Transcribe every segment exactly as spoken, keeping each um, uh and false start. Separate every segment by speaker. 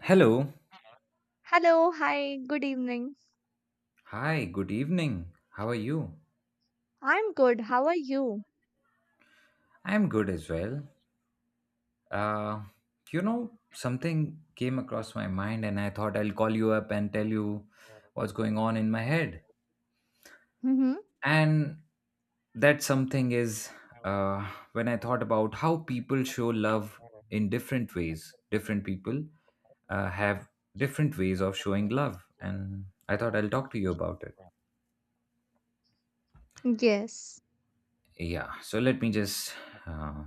Speaker 1: Hello.
Speaker 2: Hello, hi, good evening.
Speaker 1: Hi, good evening. How are you?
Speaker 2: I'm good. How are you?
Speaker 1: I'm good as well. Uh, you know, Something came across my mind and I thought I'll call you up and tell you what's going on in my head.
Speaker 2: Mm-hmm.
Speaker 1: And that something is uh, when I thought about how people show love in different ways, different people uh, have different ways of showing love. And I thought I'll talk to you about it.
Speaker 2: Yes.
Speaker 1: Yeah, so let me just uh,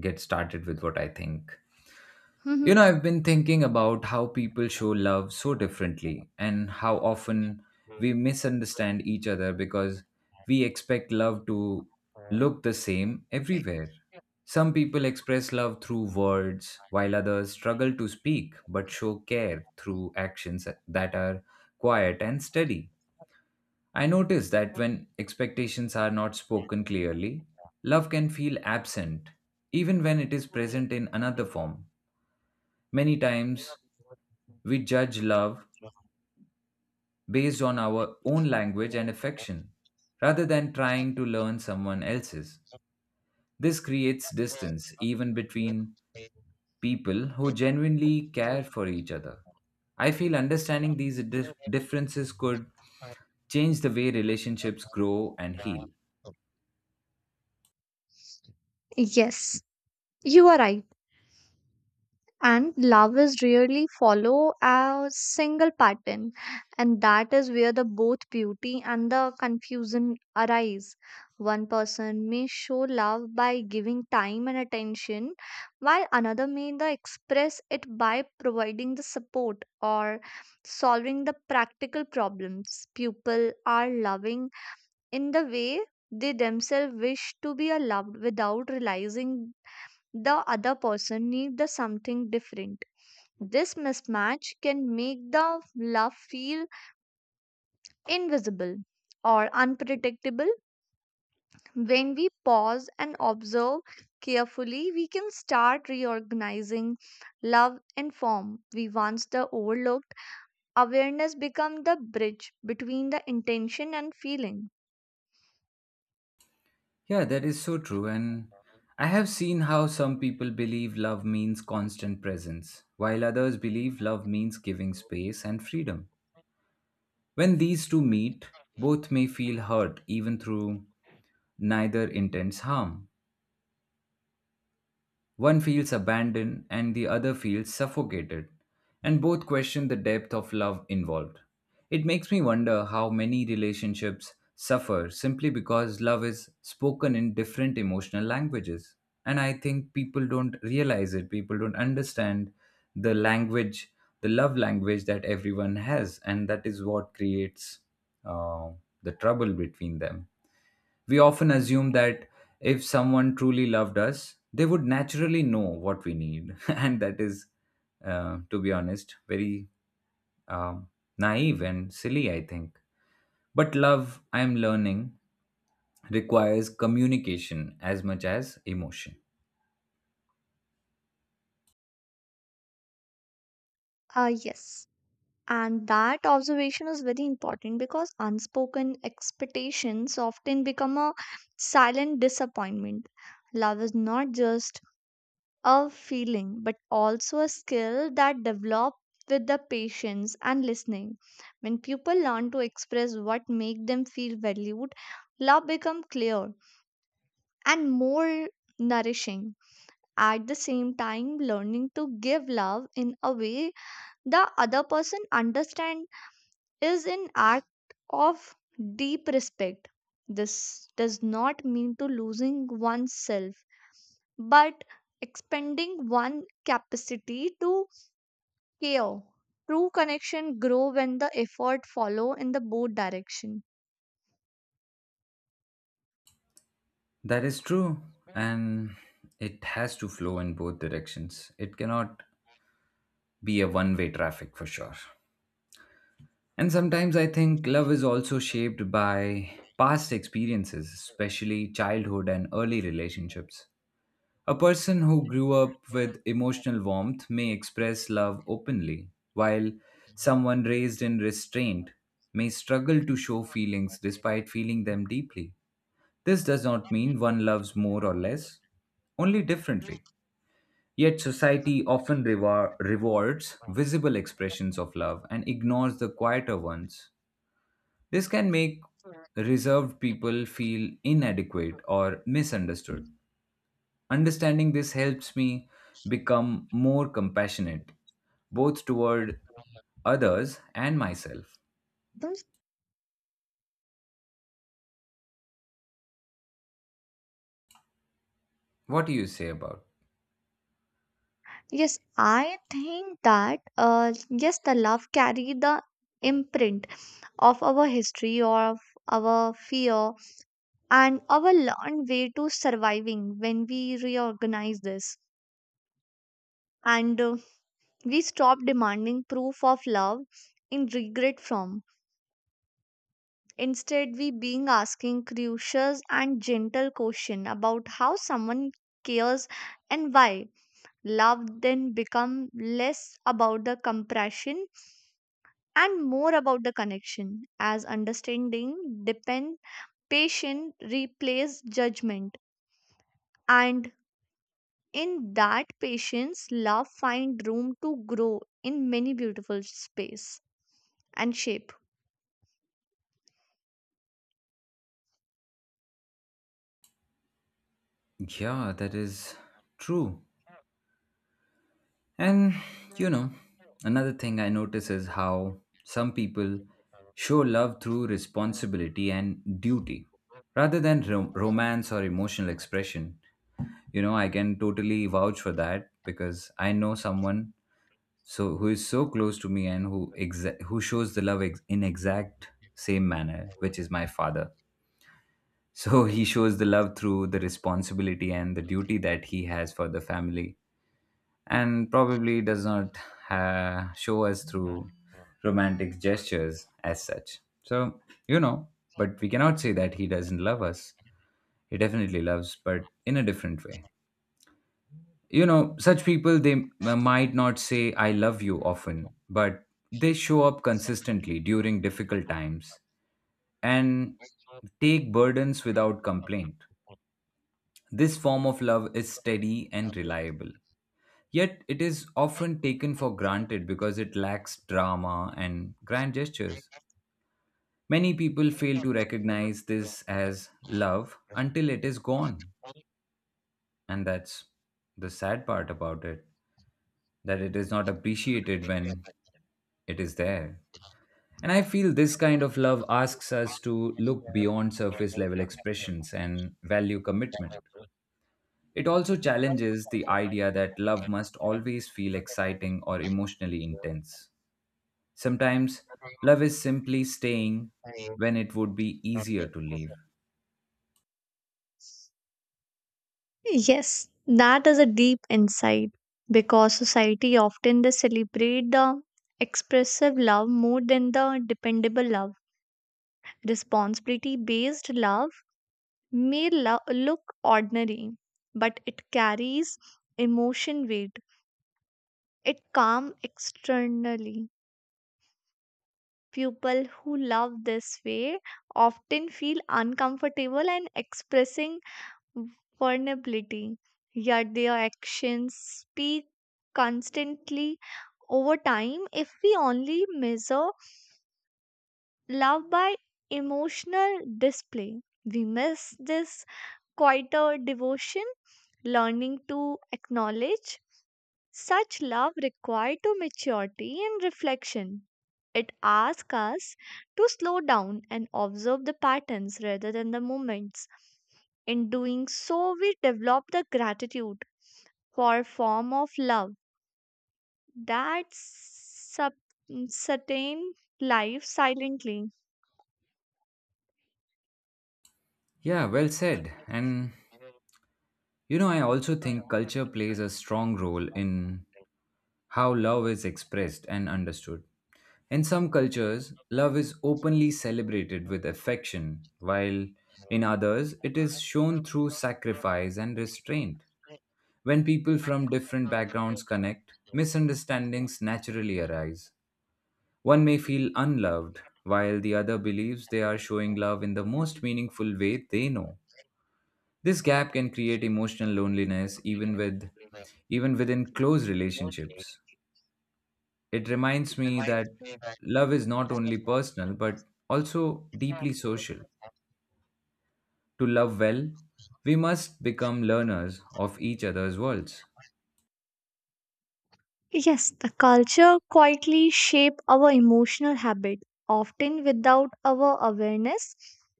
Speaker 1: get started with what I think. You
Speaker 2: Mm-hmm.
Speaker 1: know, I've been thinking about how people show love so differently and how often we misunderstand each other because we expect love to look the same everywhere. Some people express love through words, while others struggle to speak but show care through actions that are quiet and steady. I notice that when expectations are not spoken clearly, love can feel absent, even when it is present in another form. Many times we judge love based on our own language and affection rather than trying to learn someone else's. This creates distance even between people who genuinely care for each other. I feel understanding these dif- differences could change the way relationships grow and heal.
Speaker 2: Yes. You are right. And love is really follow a single pattern, and that is where the both beauty and the confusion arise. One person may show love by giving time and attention, while another may the express it by providing the support or solving the practical problems. People are loving in the way they themselves wish to be loved without realizing the other person need the something different. This mismatch can make the love feel invisible or unpredictable. When we pause and observe carefully, we can start reorganizing love and form we once the overlooked. Awareness becomes the bridge between the intention and feeling.
Speaker 1: Yeah, that is so true. And I have seen how some people believe love means constant presence, while others believe love means giving space and freedom. When these two meet, both may feel hurt even through neither intends harm. One feels abandoned and the other feels suffocated, and both question the depth of love involved. It makes me wonder how many relationships suffer simply because love is spoken in different emotional languages. And I think people don't realize it, people don't understand the language, the love language that everyone has, and that is what creates uh, the trouble between them. We often assume that if someone truly loved us, they would naturally know what we need. And that is, uh, to be honest, very um, naive and silly, I think. But love, I am learning, requires communication as much as emotion.
Speaker 2: Uh, yes. And that observation is very important because unspoken expectations often become a silent disappointment. Love is not just a feeling but also a skill that develops with the patience and listening. When people learn to express what make them feel valued, love becomes clear and more nourishing. At the same time, learning to give love in a way the other person understands is an act of deep respect. This does not mean to losing oneself, but expanding one capacity to care. True connection grow when the effort follow in the both direction.
Speaker 1: That is true. And it has to flow in both directions. It cannot be a one way traffic for sure. And sometimes I think love is also shaped by past experiences, especially childhood and early relationships. A person who grew up with emotional warmth may express love openly, while someone raised in restraint may struggle to show feelings despite feeling them deeply. This does not mean one loves more or less, only differently. Yet society often rewar- rewards visible expressions of love and ignores the quieter ones. This can make reserved people feel inadequate or misunderstood. Understanding this helps me become more compassionate, both toward others and myself.
Speaker 2: Thus.
Speaker 1: What do you say about?
Speaker 2: Yes, I think that uh, yes, the love carry the imprint of our history or of our fear and our learned way to surviving when we reorganize this. and uh, we stop demanding proof of love in regret form. Instead, we being asking curious and gentle question about how someone cares and why. Love then become less about the compression and more about the connection as understanding depend patient replace judgment. And in that patience love find room to grow in many beautiful space and shape.
Speaker 1: Yeah, that is true. And you know, another thing I notice is how some people show love through responsibility and duty rather than rom- romance or emotional expression. You know, I can totally vouch for that because I know someone so who is so close to me and who exa- who shows the love ex- in exact same manner, which is my father. So he shows the love through the responsibility and the duty that he has for the family and probably does not uh, show us through romantic gestures as such. So, you know, but we cannot say that he doesn't love us. He definitely loves, but in a different way. You know, such people, they m- uh, might not say, I love you often, but they show up consistently during difficult times and take burdens without complaint. This form of love is steady and reliable. Yet it is often taken for granted because it lacks drama and grand gestures. Many people fail to recognize this as love until it is gone. And that's the sad part about it, that it is not appreciated when it is there. And I feel this kind of love asks us to look beyond surface level expressions and value commitment. It also challenges the idea that love must always feel exciting or emotionally intense. Sometimes love is simply staying when it would be easier to leave.
Speaker 2: Yes, that is a deep insight because society often they celebrate the expressive love more than the dependable love. Responsibility based love may lo- look ordinary, but it carries emotion weight. It calm externally. People who love this way often feel uncomfortable and expressing vulnerability, yet their actions speak constantly over time if we only measure love by emotional display. We miss this quieter devotion, learning to acknowledge such love required to maturity and reflection. It asks us to slow down and observe the patterns rather than the moments. In doing so, we develop the gratitude for a form of love that sub- sustain life silently.
Speaker 1: Yeah, well said. And you know, I also think culture plays a strong role in how love is expressed and understood. In some cultures, love is openly celebrated with affection, while in others, it is shown through sacrifice and restraint. When people from different backgrounds connect, misunderstandings naturally arise. One may feel unloved, while the other believes they are showing love in the most meaningful way they know. This gap can create emotional loneliness even with even within close relationships. It reminds me that love is not only personal but also deeply social. To love well, we must become learners of each other's worlds.
Speaker 2: Yes, the culture quietly shape our emotional habit, often without our awareness.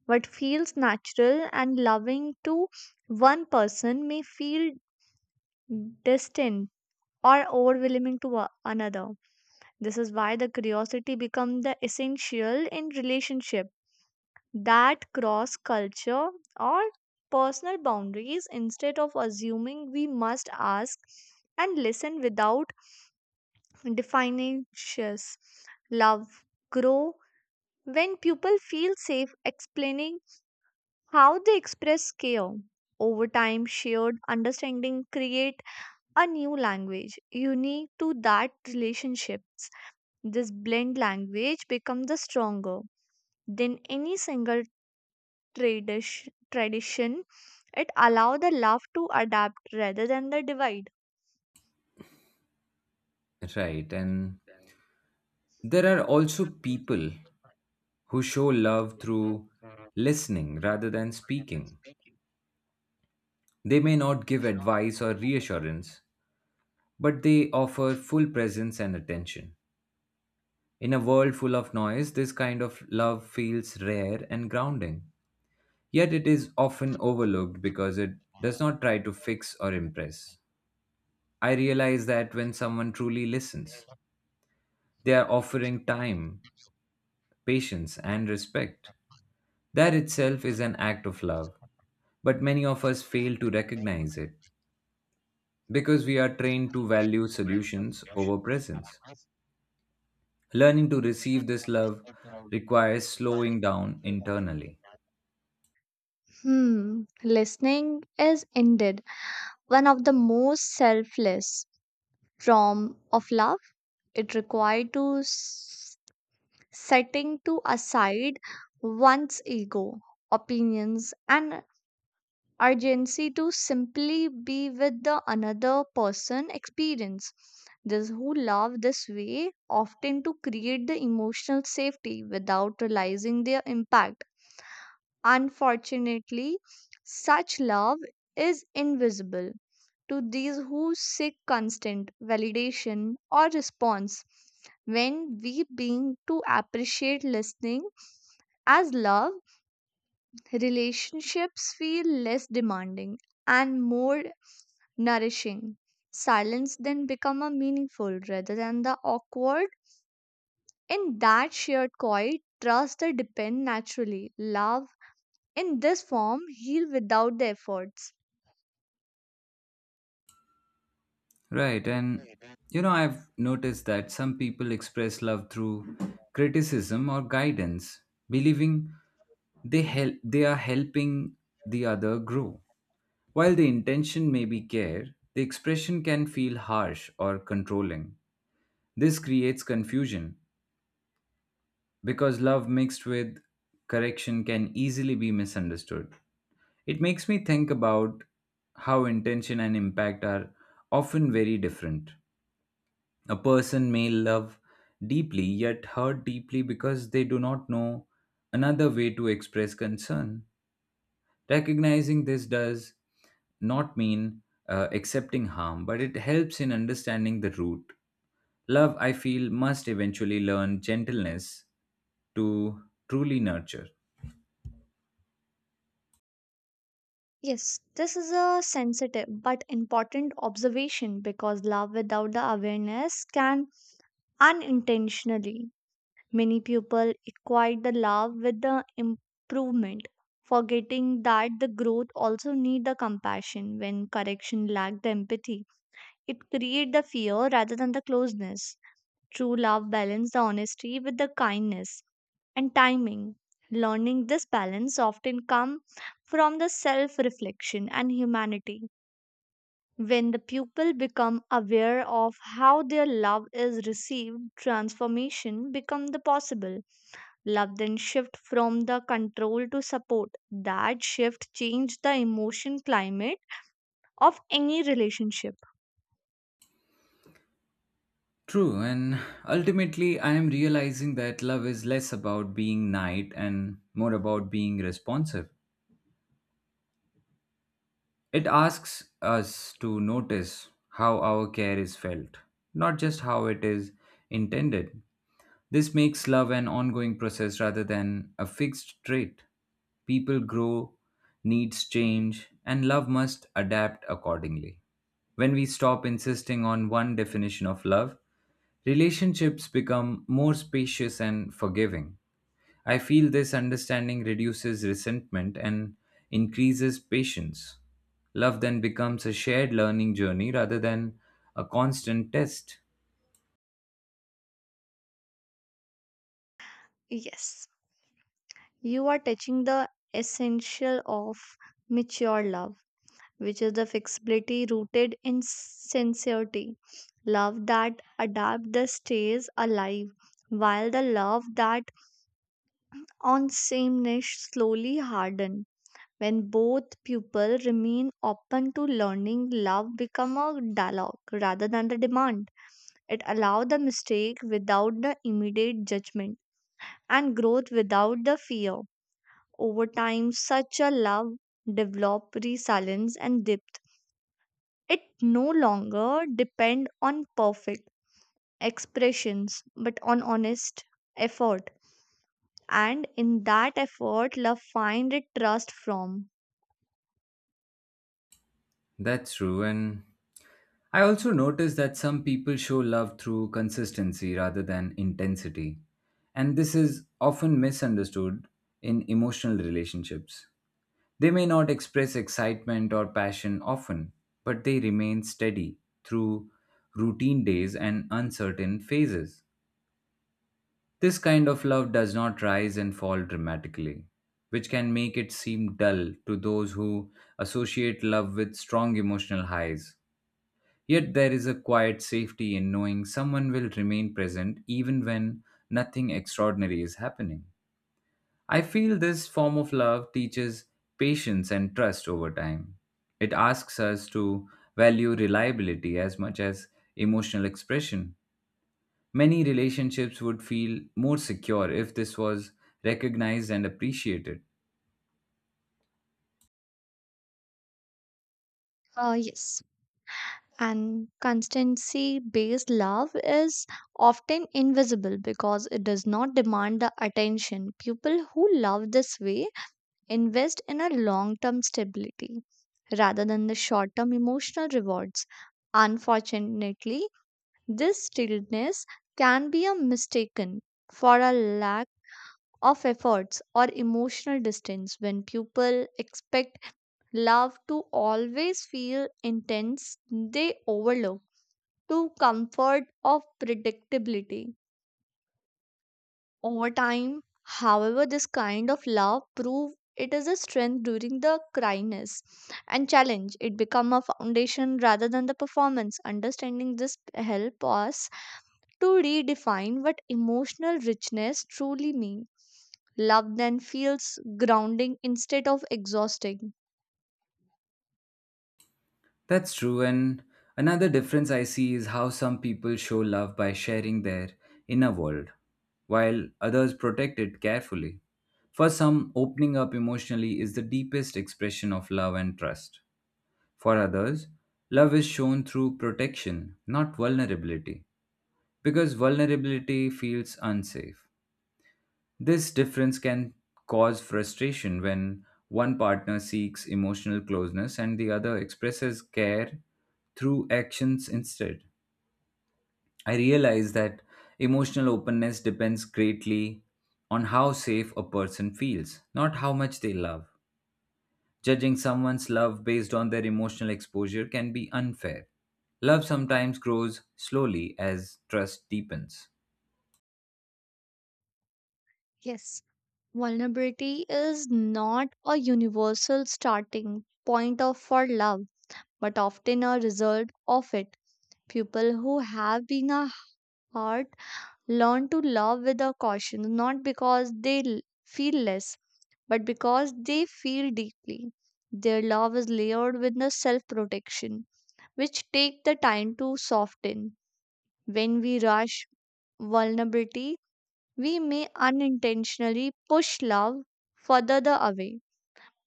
Speaker 2: What feels natural and loving to one person may feel distant or overwhelming to a- another. This is why the curiosity becomes the essential in relationship that cross culture or personal boundaries. Instead of assuming, we must ask and listen without defining dishes. Love grow when people feel safe explaining how they express care. Over time, shared understanding create a new language unique to that relationships. This blend language becomes the stronger than any single tradish- tradition. It allow the love to adapt rather than the divide.
Speaker 1: Right, and there are also people who show love through listening rather than speaking. They may not give advice or reassurance, but they offer full presence and attention. In a world full of noise, this kind of love feels rare and grounding. Yet it is often overlooked because it does not try to fix or impress. I realize that when someone truly listens, they are offering time, patience, and respect. That itself is an act of love, but many of us fail to recognize it because we are trained to value solutions over presence. Learning to receive this love requires slowing down internally.
Speaker 2: Hmm, listening is indeed one of the most selfless from of love. It required to s- setting to aside one's ego, opinions and urgency to simply be with the another person experience. Those who love this way often to create the emotional safety without realizing their impact. Unfortunately, such love is invisible to these who seek constant validation or response. When we begin to appreciate listening as love, relationships feel less demanding and more nourishing. Silence then become a meaningful rather than the awkward. In that shared quiet, trust the depend naturally. Love in this form heal without the efforts.
Speaker 1: Right. And, you know, I've noticed that some people express love through criticism or guidance, believing they, help, they are helping the other grow. While the intention may be care, the expression can feel harsh or controlling. This creates confusion because love mixed with correction can easily be misunderstood. It makes me think about how intention and impact are often very different. A person may love deeply yet hurt deeply because they do not know another way to express concern. Recognizing this does not mean uh, accepting harm, but it helps in understanding the root. Love, I feel, must eventually learn gentleness to truly nurture.
Speaker 2: Yes, this is a sensitive but important observation because love without the awareness can unintentionally. Many people equate the love with the improvement, forgetting that the growth also need the compassion when correction lack the empathy. It create the fear rather than the closeness. True love balances the honesty with the kindness and timing. Learning this balance often comes from the self reflection and humanity. When the pupil become aware of how their love is received, transformation become the possible. Love then shift from the control to support. That shift change the emotion climate of any relationship.
Speaker 1: True, and ultimately, I am realizing that love is less about being nice and more about being responsive. It asks us to notice how our care is felt, not just how it is intended. This makes love an ongoing process rather than a fixed trait. People grow, needs change, and love must adapt accordingly. When we stop insisting on one definition of love, relationships become more spacious and forgiving. I feel this understanding reduces resentment and increases patience. Love then becomes a shared learning journey rather than a constant test.
Speaker 2: Yes, you are touching the essential of mature love which is the flexibility rooted in sincerity. Love that adapts the stays alive, while the love that on sameness slowly harden. When both people remain open to learning, love become a dialogue rather than the demand. It allow the mistake without the immediate judgment and growth without the fear. Over time, such a love develop resilience and depth. It no longer depend on perfect expressions but on honest effort. And in that effort love find it trust from.
Speaker 1: That's true, and I also notice that some people show love through consistency rather than intensity, and this is often misunderstood in emotional relationships. They may not express excitement or passion often, but they remain steady through routine days and uncertain phases. This kind of love does not rise and fall dramatically, which can make it seem dull to those who associate love with strong emotional highs. Yet there is a quiet safety in knowing someone will remain present even when nothing extraordinary is happening. I feel this form of love teaches patience and trust over time. It asks us to value reliability as much as emotional expression. Many relationships would feel more secure if this was recognized and appreciated.
Speaker 2: Uh, yes. And constancy based love is often invisible because it does not demand the attention. People who love this way invest in a long term stability rather than the short term emotional rewards. Unfortunately, this stillness can be a mistaken for a lack of efforts or emotional distance. When people expect love to always feel intense, they overlook to comfort of predictability. Over time, however, this kind of love prove it is a strength during the cryness and challenge. It become a foundation rather than the performance. Understanding this help us to redefine what emotional richness truly means. Love then feels grounding instead of exhausting.
Speaker 1: That's true. And another difference I see is how some people show love by sharing their inner world, while others protect it carefully. For some, opening up emotionally is the deepest expression of love and trust. For others, love is shown through protection, not vulnerability, because vulnerability feels unsafe. This difference can cause frustration when one partner seeks emotional closeness and the other expresses care through actions instead. I realize that emotional openness depends greatly on how safe a person feels, not how much they love. Judging someone's love based on their emotional exposure can be unfair. Love sometimes grows slowly as trust deepens.
Speaker 2: Yes, vulnerability is not a universal starting point of for love, but often a result of it. People who have been a hurt learn to love with a caution, not because they l- feel less, but because they feel deeply. Their love is layered with the self protection which take the time to soften. When we rush vulnerability, we may unintentionally push love further the away.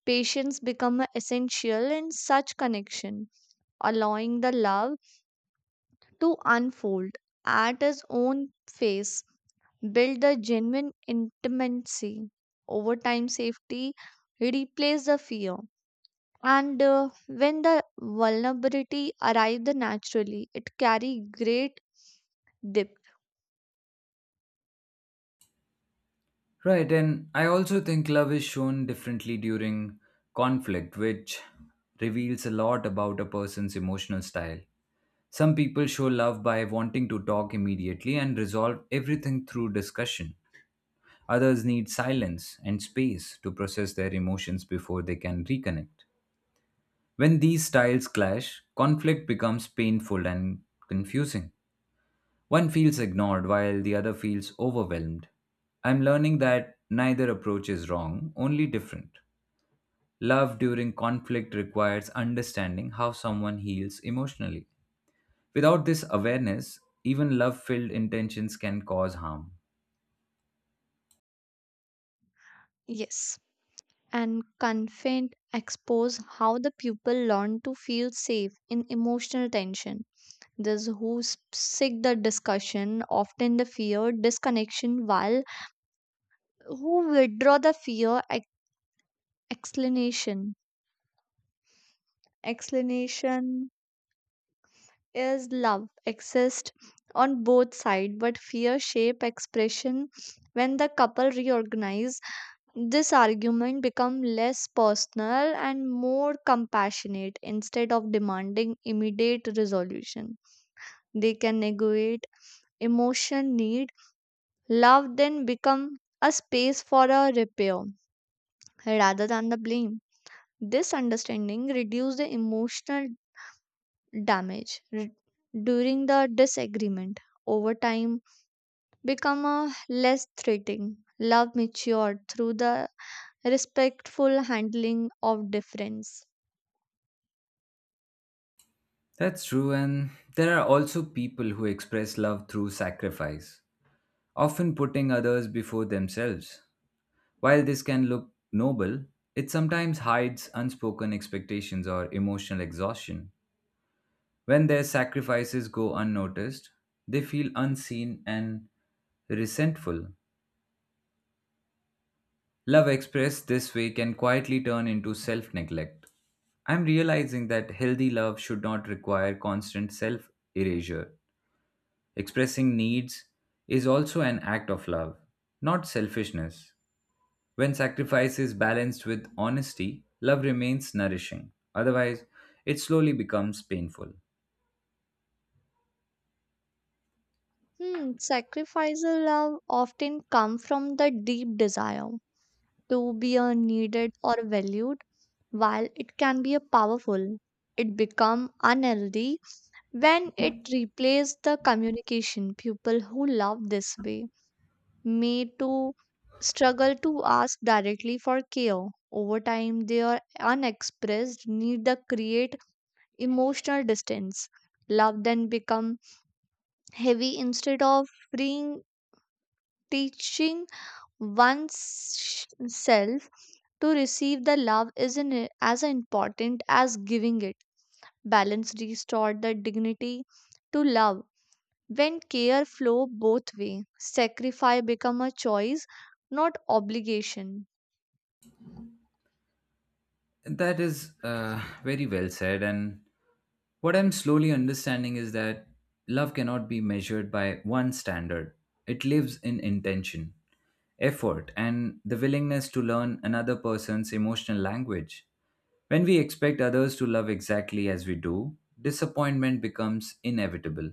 Speaker 2: Patience become a essential in such connection, allowing the love to unfold at its own pace, build the genuine intimacy. Over time, safety replace the fear. And uh, when the vulnerability arrives naturally it carry great dip.
Speaker 1: Right, and I also think love is shown differently during conflict, which reveals a lot about a person's emotional style. Some people show love by wanting to talk immediately and resolve everything through discussion. Others need silence and space to process their emotions before they can reconnect. When these styles clash, conflict becomes painful and confusing. One feels ignored while the other feels overwhelmed. I'm learning that neither approach is wrong, only different. Love during conflict requires understanding how someone heals emotionally. Without this awareness, even love filled intentions can cause harm.
Speaker 2: Yes, and confront expose how the pupil learn to feel safe in emotional tension. Those who s- seek the discussion often the fear disconnection, while who withdraw the fear ex- explanation. Explanation is love exist on both side but fear shape expression. When the couple reorganize, this argument become less personal and more compassionate. Instead of demanding immediate resolution, they can negate emotion need. Love then become a space for a repair rather than the blame. This understanding reduce the emotional damage re- during the disagreement. Over time, become a less threatening. Love matured through the respectful handling of difference.
Speaker 1: That's true, and there are also people who express love through sacrifice, often putting others before themselves. While this can look noble, it sometimes hides unspoken expectations or emotional exhaustion. When their sacrifices go unnoticed, they feel unseen and resentful. Love expressed this way can quietly turn into self neglect. I'm realizing that healthy love should not require constant self erasure. Expressing needs is also an act of love, not selfishness. When sacrifice is balanced with honesty, love remains nourishing. Otherwise, it slowly becomes painful.
Speaker 2: Hmm, sacrificial love often come from the deep desire to be uh, needed or valued. While it can be a powerful, it become unhealthy when it replaces the communication. People who love this way may to struggle to ask directly for care. Over time, their unexpressed need the create emotional distance. Love then become heavy instead of freeing, teaching one's self to receive the love is in, as important as giving it. Balance restored the dignity to love. When care flow both way, sacrifice become a choice, not obligation.
Speaker 1: That is uh, very well said, and what I'm slowly understanding is that love cannot be measured by one standard. It lives in intention, effort, and the willingness to learn another person's emotional language. When we expect others to love exactly as we do, disappointment becomes inevitable.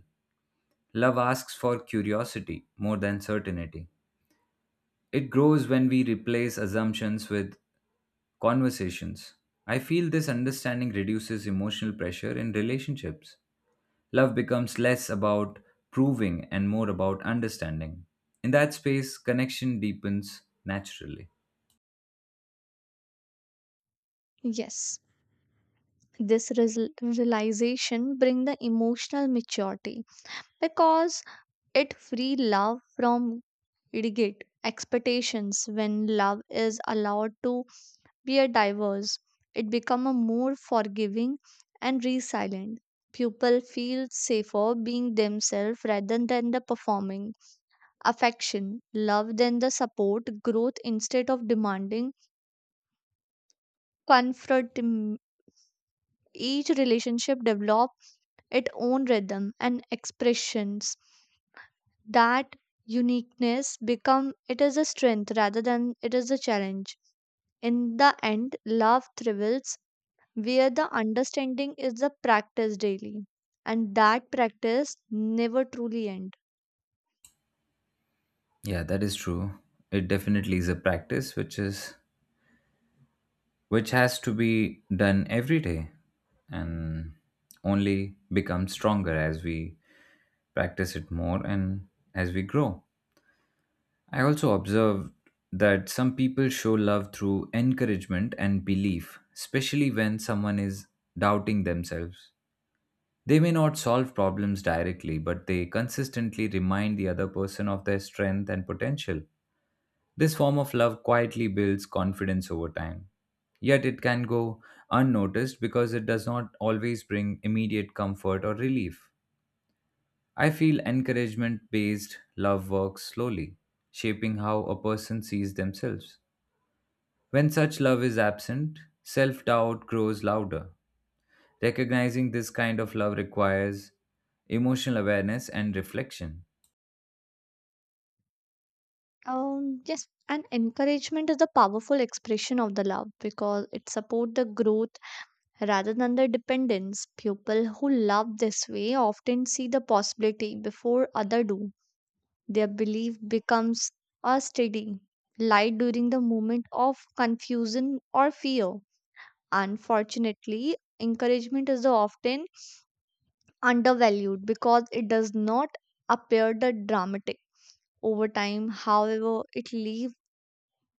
Speaker 1: Love asks for curiosity more than certainty. It grows when we replace assumptions with conversations. I feel this understanding reduces emotional pressure in relationships. Love becomes less about proving and more about understanding. In that space, connection deepens naturally.
Speaker 2: Yes, this resol- realization bring the emotional maturity because it free love from idiot expectations. When love is allowed to were diverse, it become a more forgiving and resilient. People feel safer being themselves rather than the performing. Affection, love than the support, growth instead of demanding comfort. Mm, Each relationship develop its own rhythm and expressions. That uniqueness become it is a strength rather than it is a challenge. In the end, love thrives where the understanding is the practice daily and that practice never truly end.
Speaker 1: Yeah, that is true. It definitely is a practice which is which has to be done every day and only becomes stronger as we practice it more and as we grow. I also observed that some people show love through encouragement and belief, especially when someone is doubting themselves. They may not solve problems directly, but they consistently remind the other person of their strength and potential. This form of love quietly builds confidence over time. Yet it can go unnoticed because it does not always bring immediate comfort or relief. I feel encouragement based love works slowly, shaping how a person sees themselves. When such love is absent, self doubt grows louder. Recognizing this kind of love requires emotional awareness and reflection.
Speaker 2: Um yes, and encouragement is a powerful expression of the love because it support the growth rather than the dependence. People who love this way often see the possibility before other do. Their belief becomes a steady light during the moment of confusion or fear. Unfortunately, encouragement is the often undervalued because it does not appear the dramatic. Over time, however, it leaves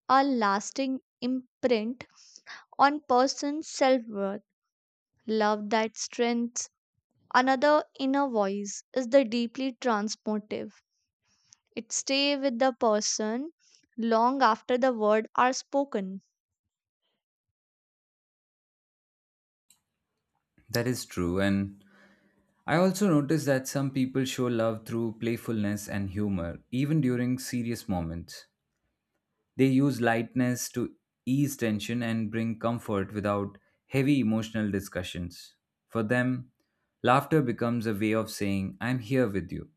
Speaker 2: a lasting imprint on person's self-worth. Love that strengths another inner voice is the deeply transformative. It stay with the person long after the words are spoken.
Speaker 1: That is true. And I also noticed that some people show love through playfulness and humor, even during serious moments. They use lightness to ease tension and bring comfort without heavy emotional discussions. For them, laughter becomes a way of saying, I'm here with you.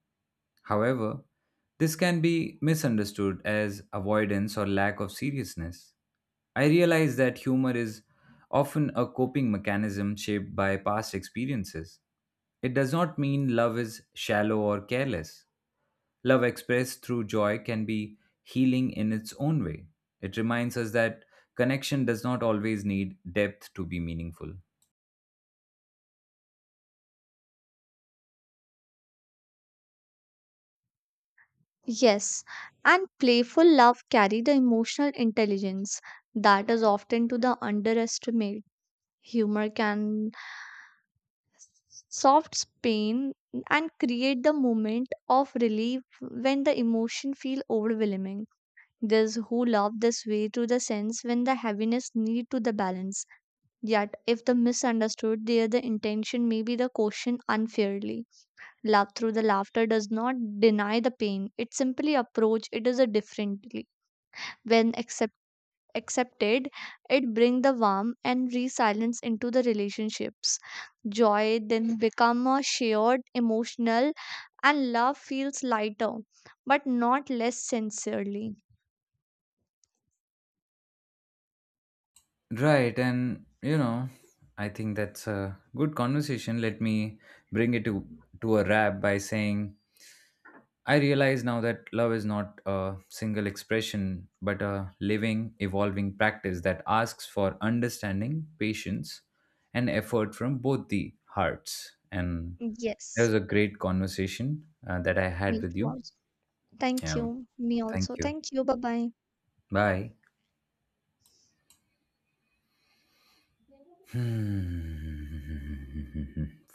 Speaker 1: However, this can be misunderstood as avoidance or lack of seriousness. I realize that humor is often a coping mechanism shaped by past experiences. It does not mean love is shallow or careless. Love expressed through joy can be healing in its own way. It reminds us that connection does not always need depth to be meaningful.
Speaker 2: Yes, and playful love carry the emotional intelligence that is often to the underestimate. Humor can soft pain and create the moment of relief when the emotion feel overwhelming. Those who love this way to the sense when the heaviness need to the balance. Yet if the misunderstood there the intention may be the caution unfairly. Love through the laughter does not deny the pain, it simply approach it is a differently. When accepted accepted, it brings the warmth and resilience into the relationships. Joy then become a shared emotional and love feels lighter, but not less sincerely.
Speaker 1: Right, and you know, I think that's a good conversation. Let me bring it to, to a wrap by saying I realize now that love is not a single expression, but a living, evolving practice that asks for understanding, patience, and effort from both the hearts. And it
Speaker 2: Yes,
Speaker 1: was a great conversation uh, that I
Speaker 2: me
Speaker 1: had with
Speaker 2: too
Speaker 1: you.
Speaker 2: also. Thank
Speaker 1: Yeah.
Speaker 2: you. Me
Speaker 1: Thank
Speaker 2: also,
Speaker 1: you.
Speaker 2: thank you. Bye bye.
Speaker 1: Bye. Hmm. Fine.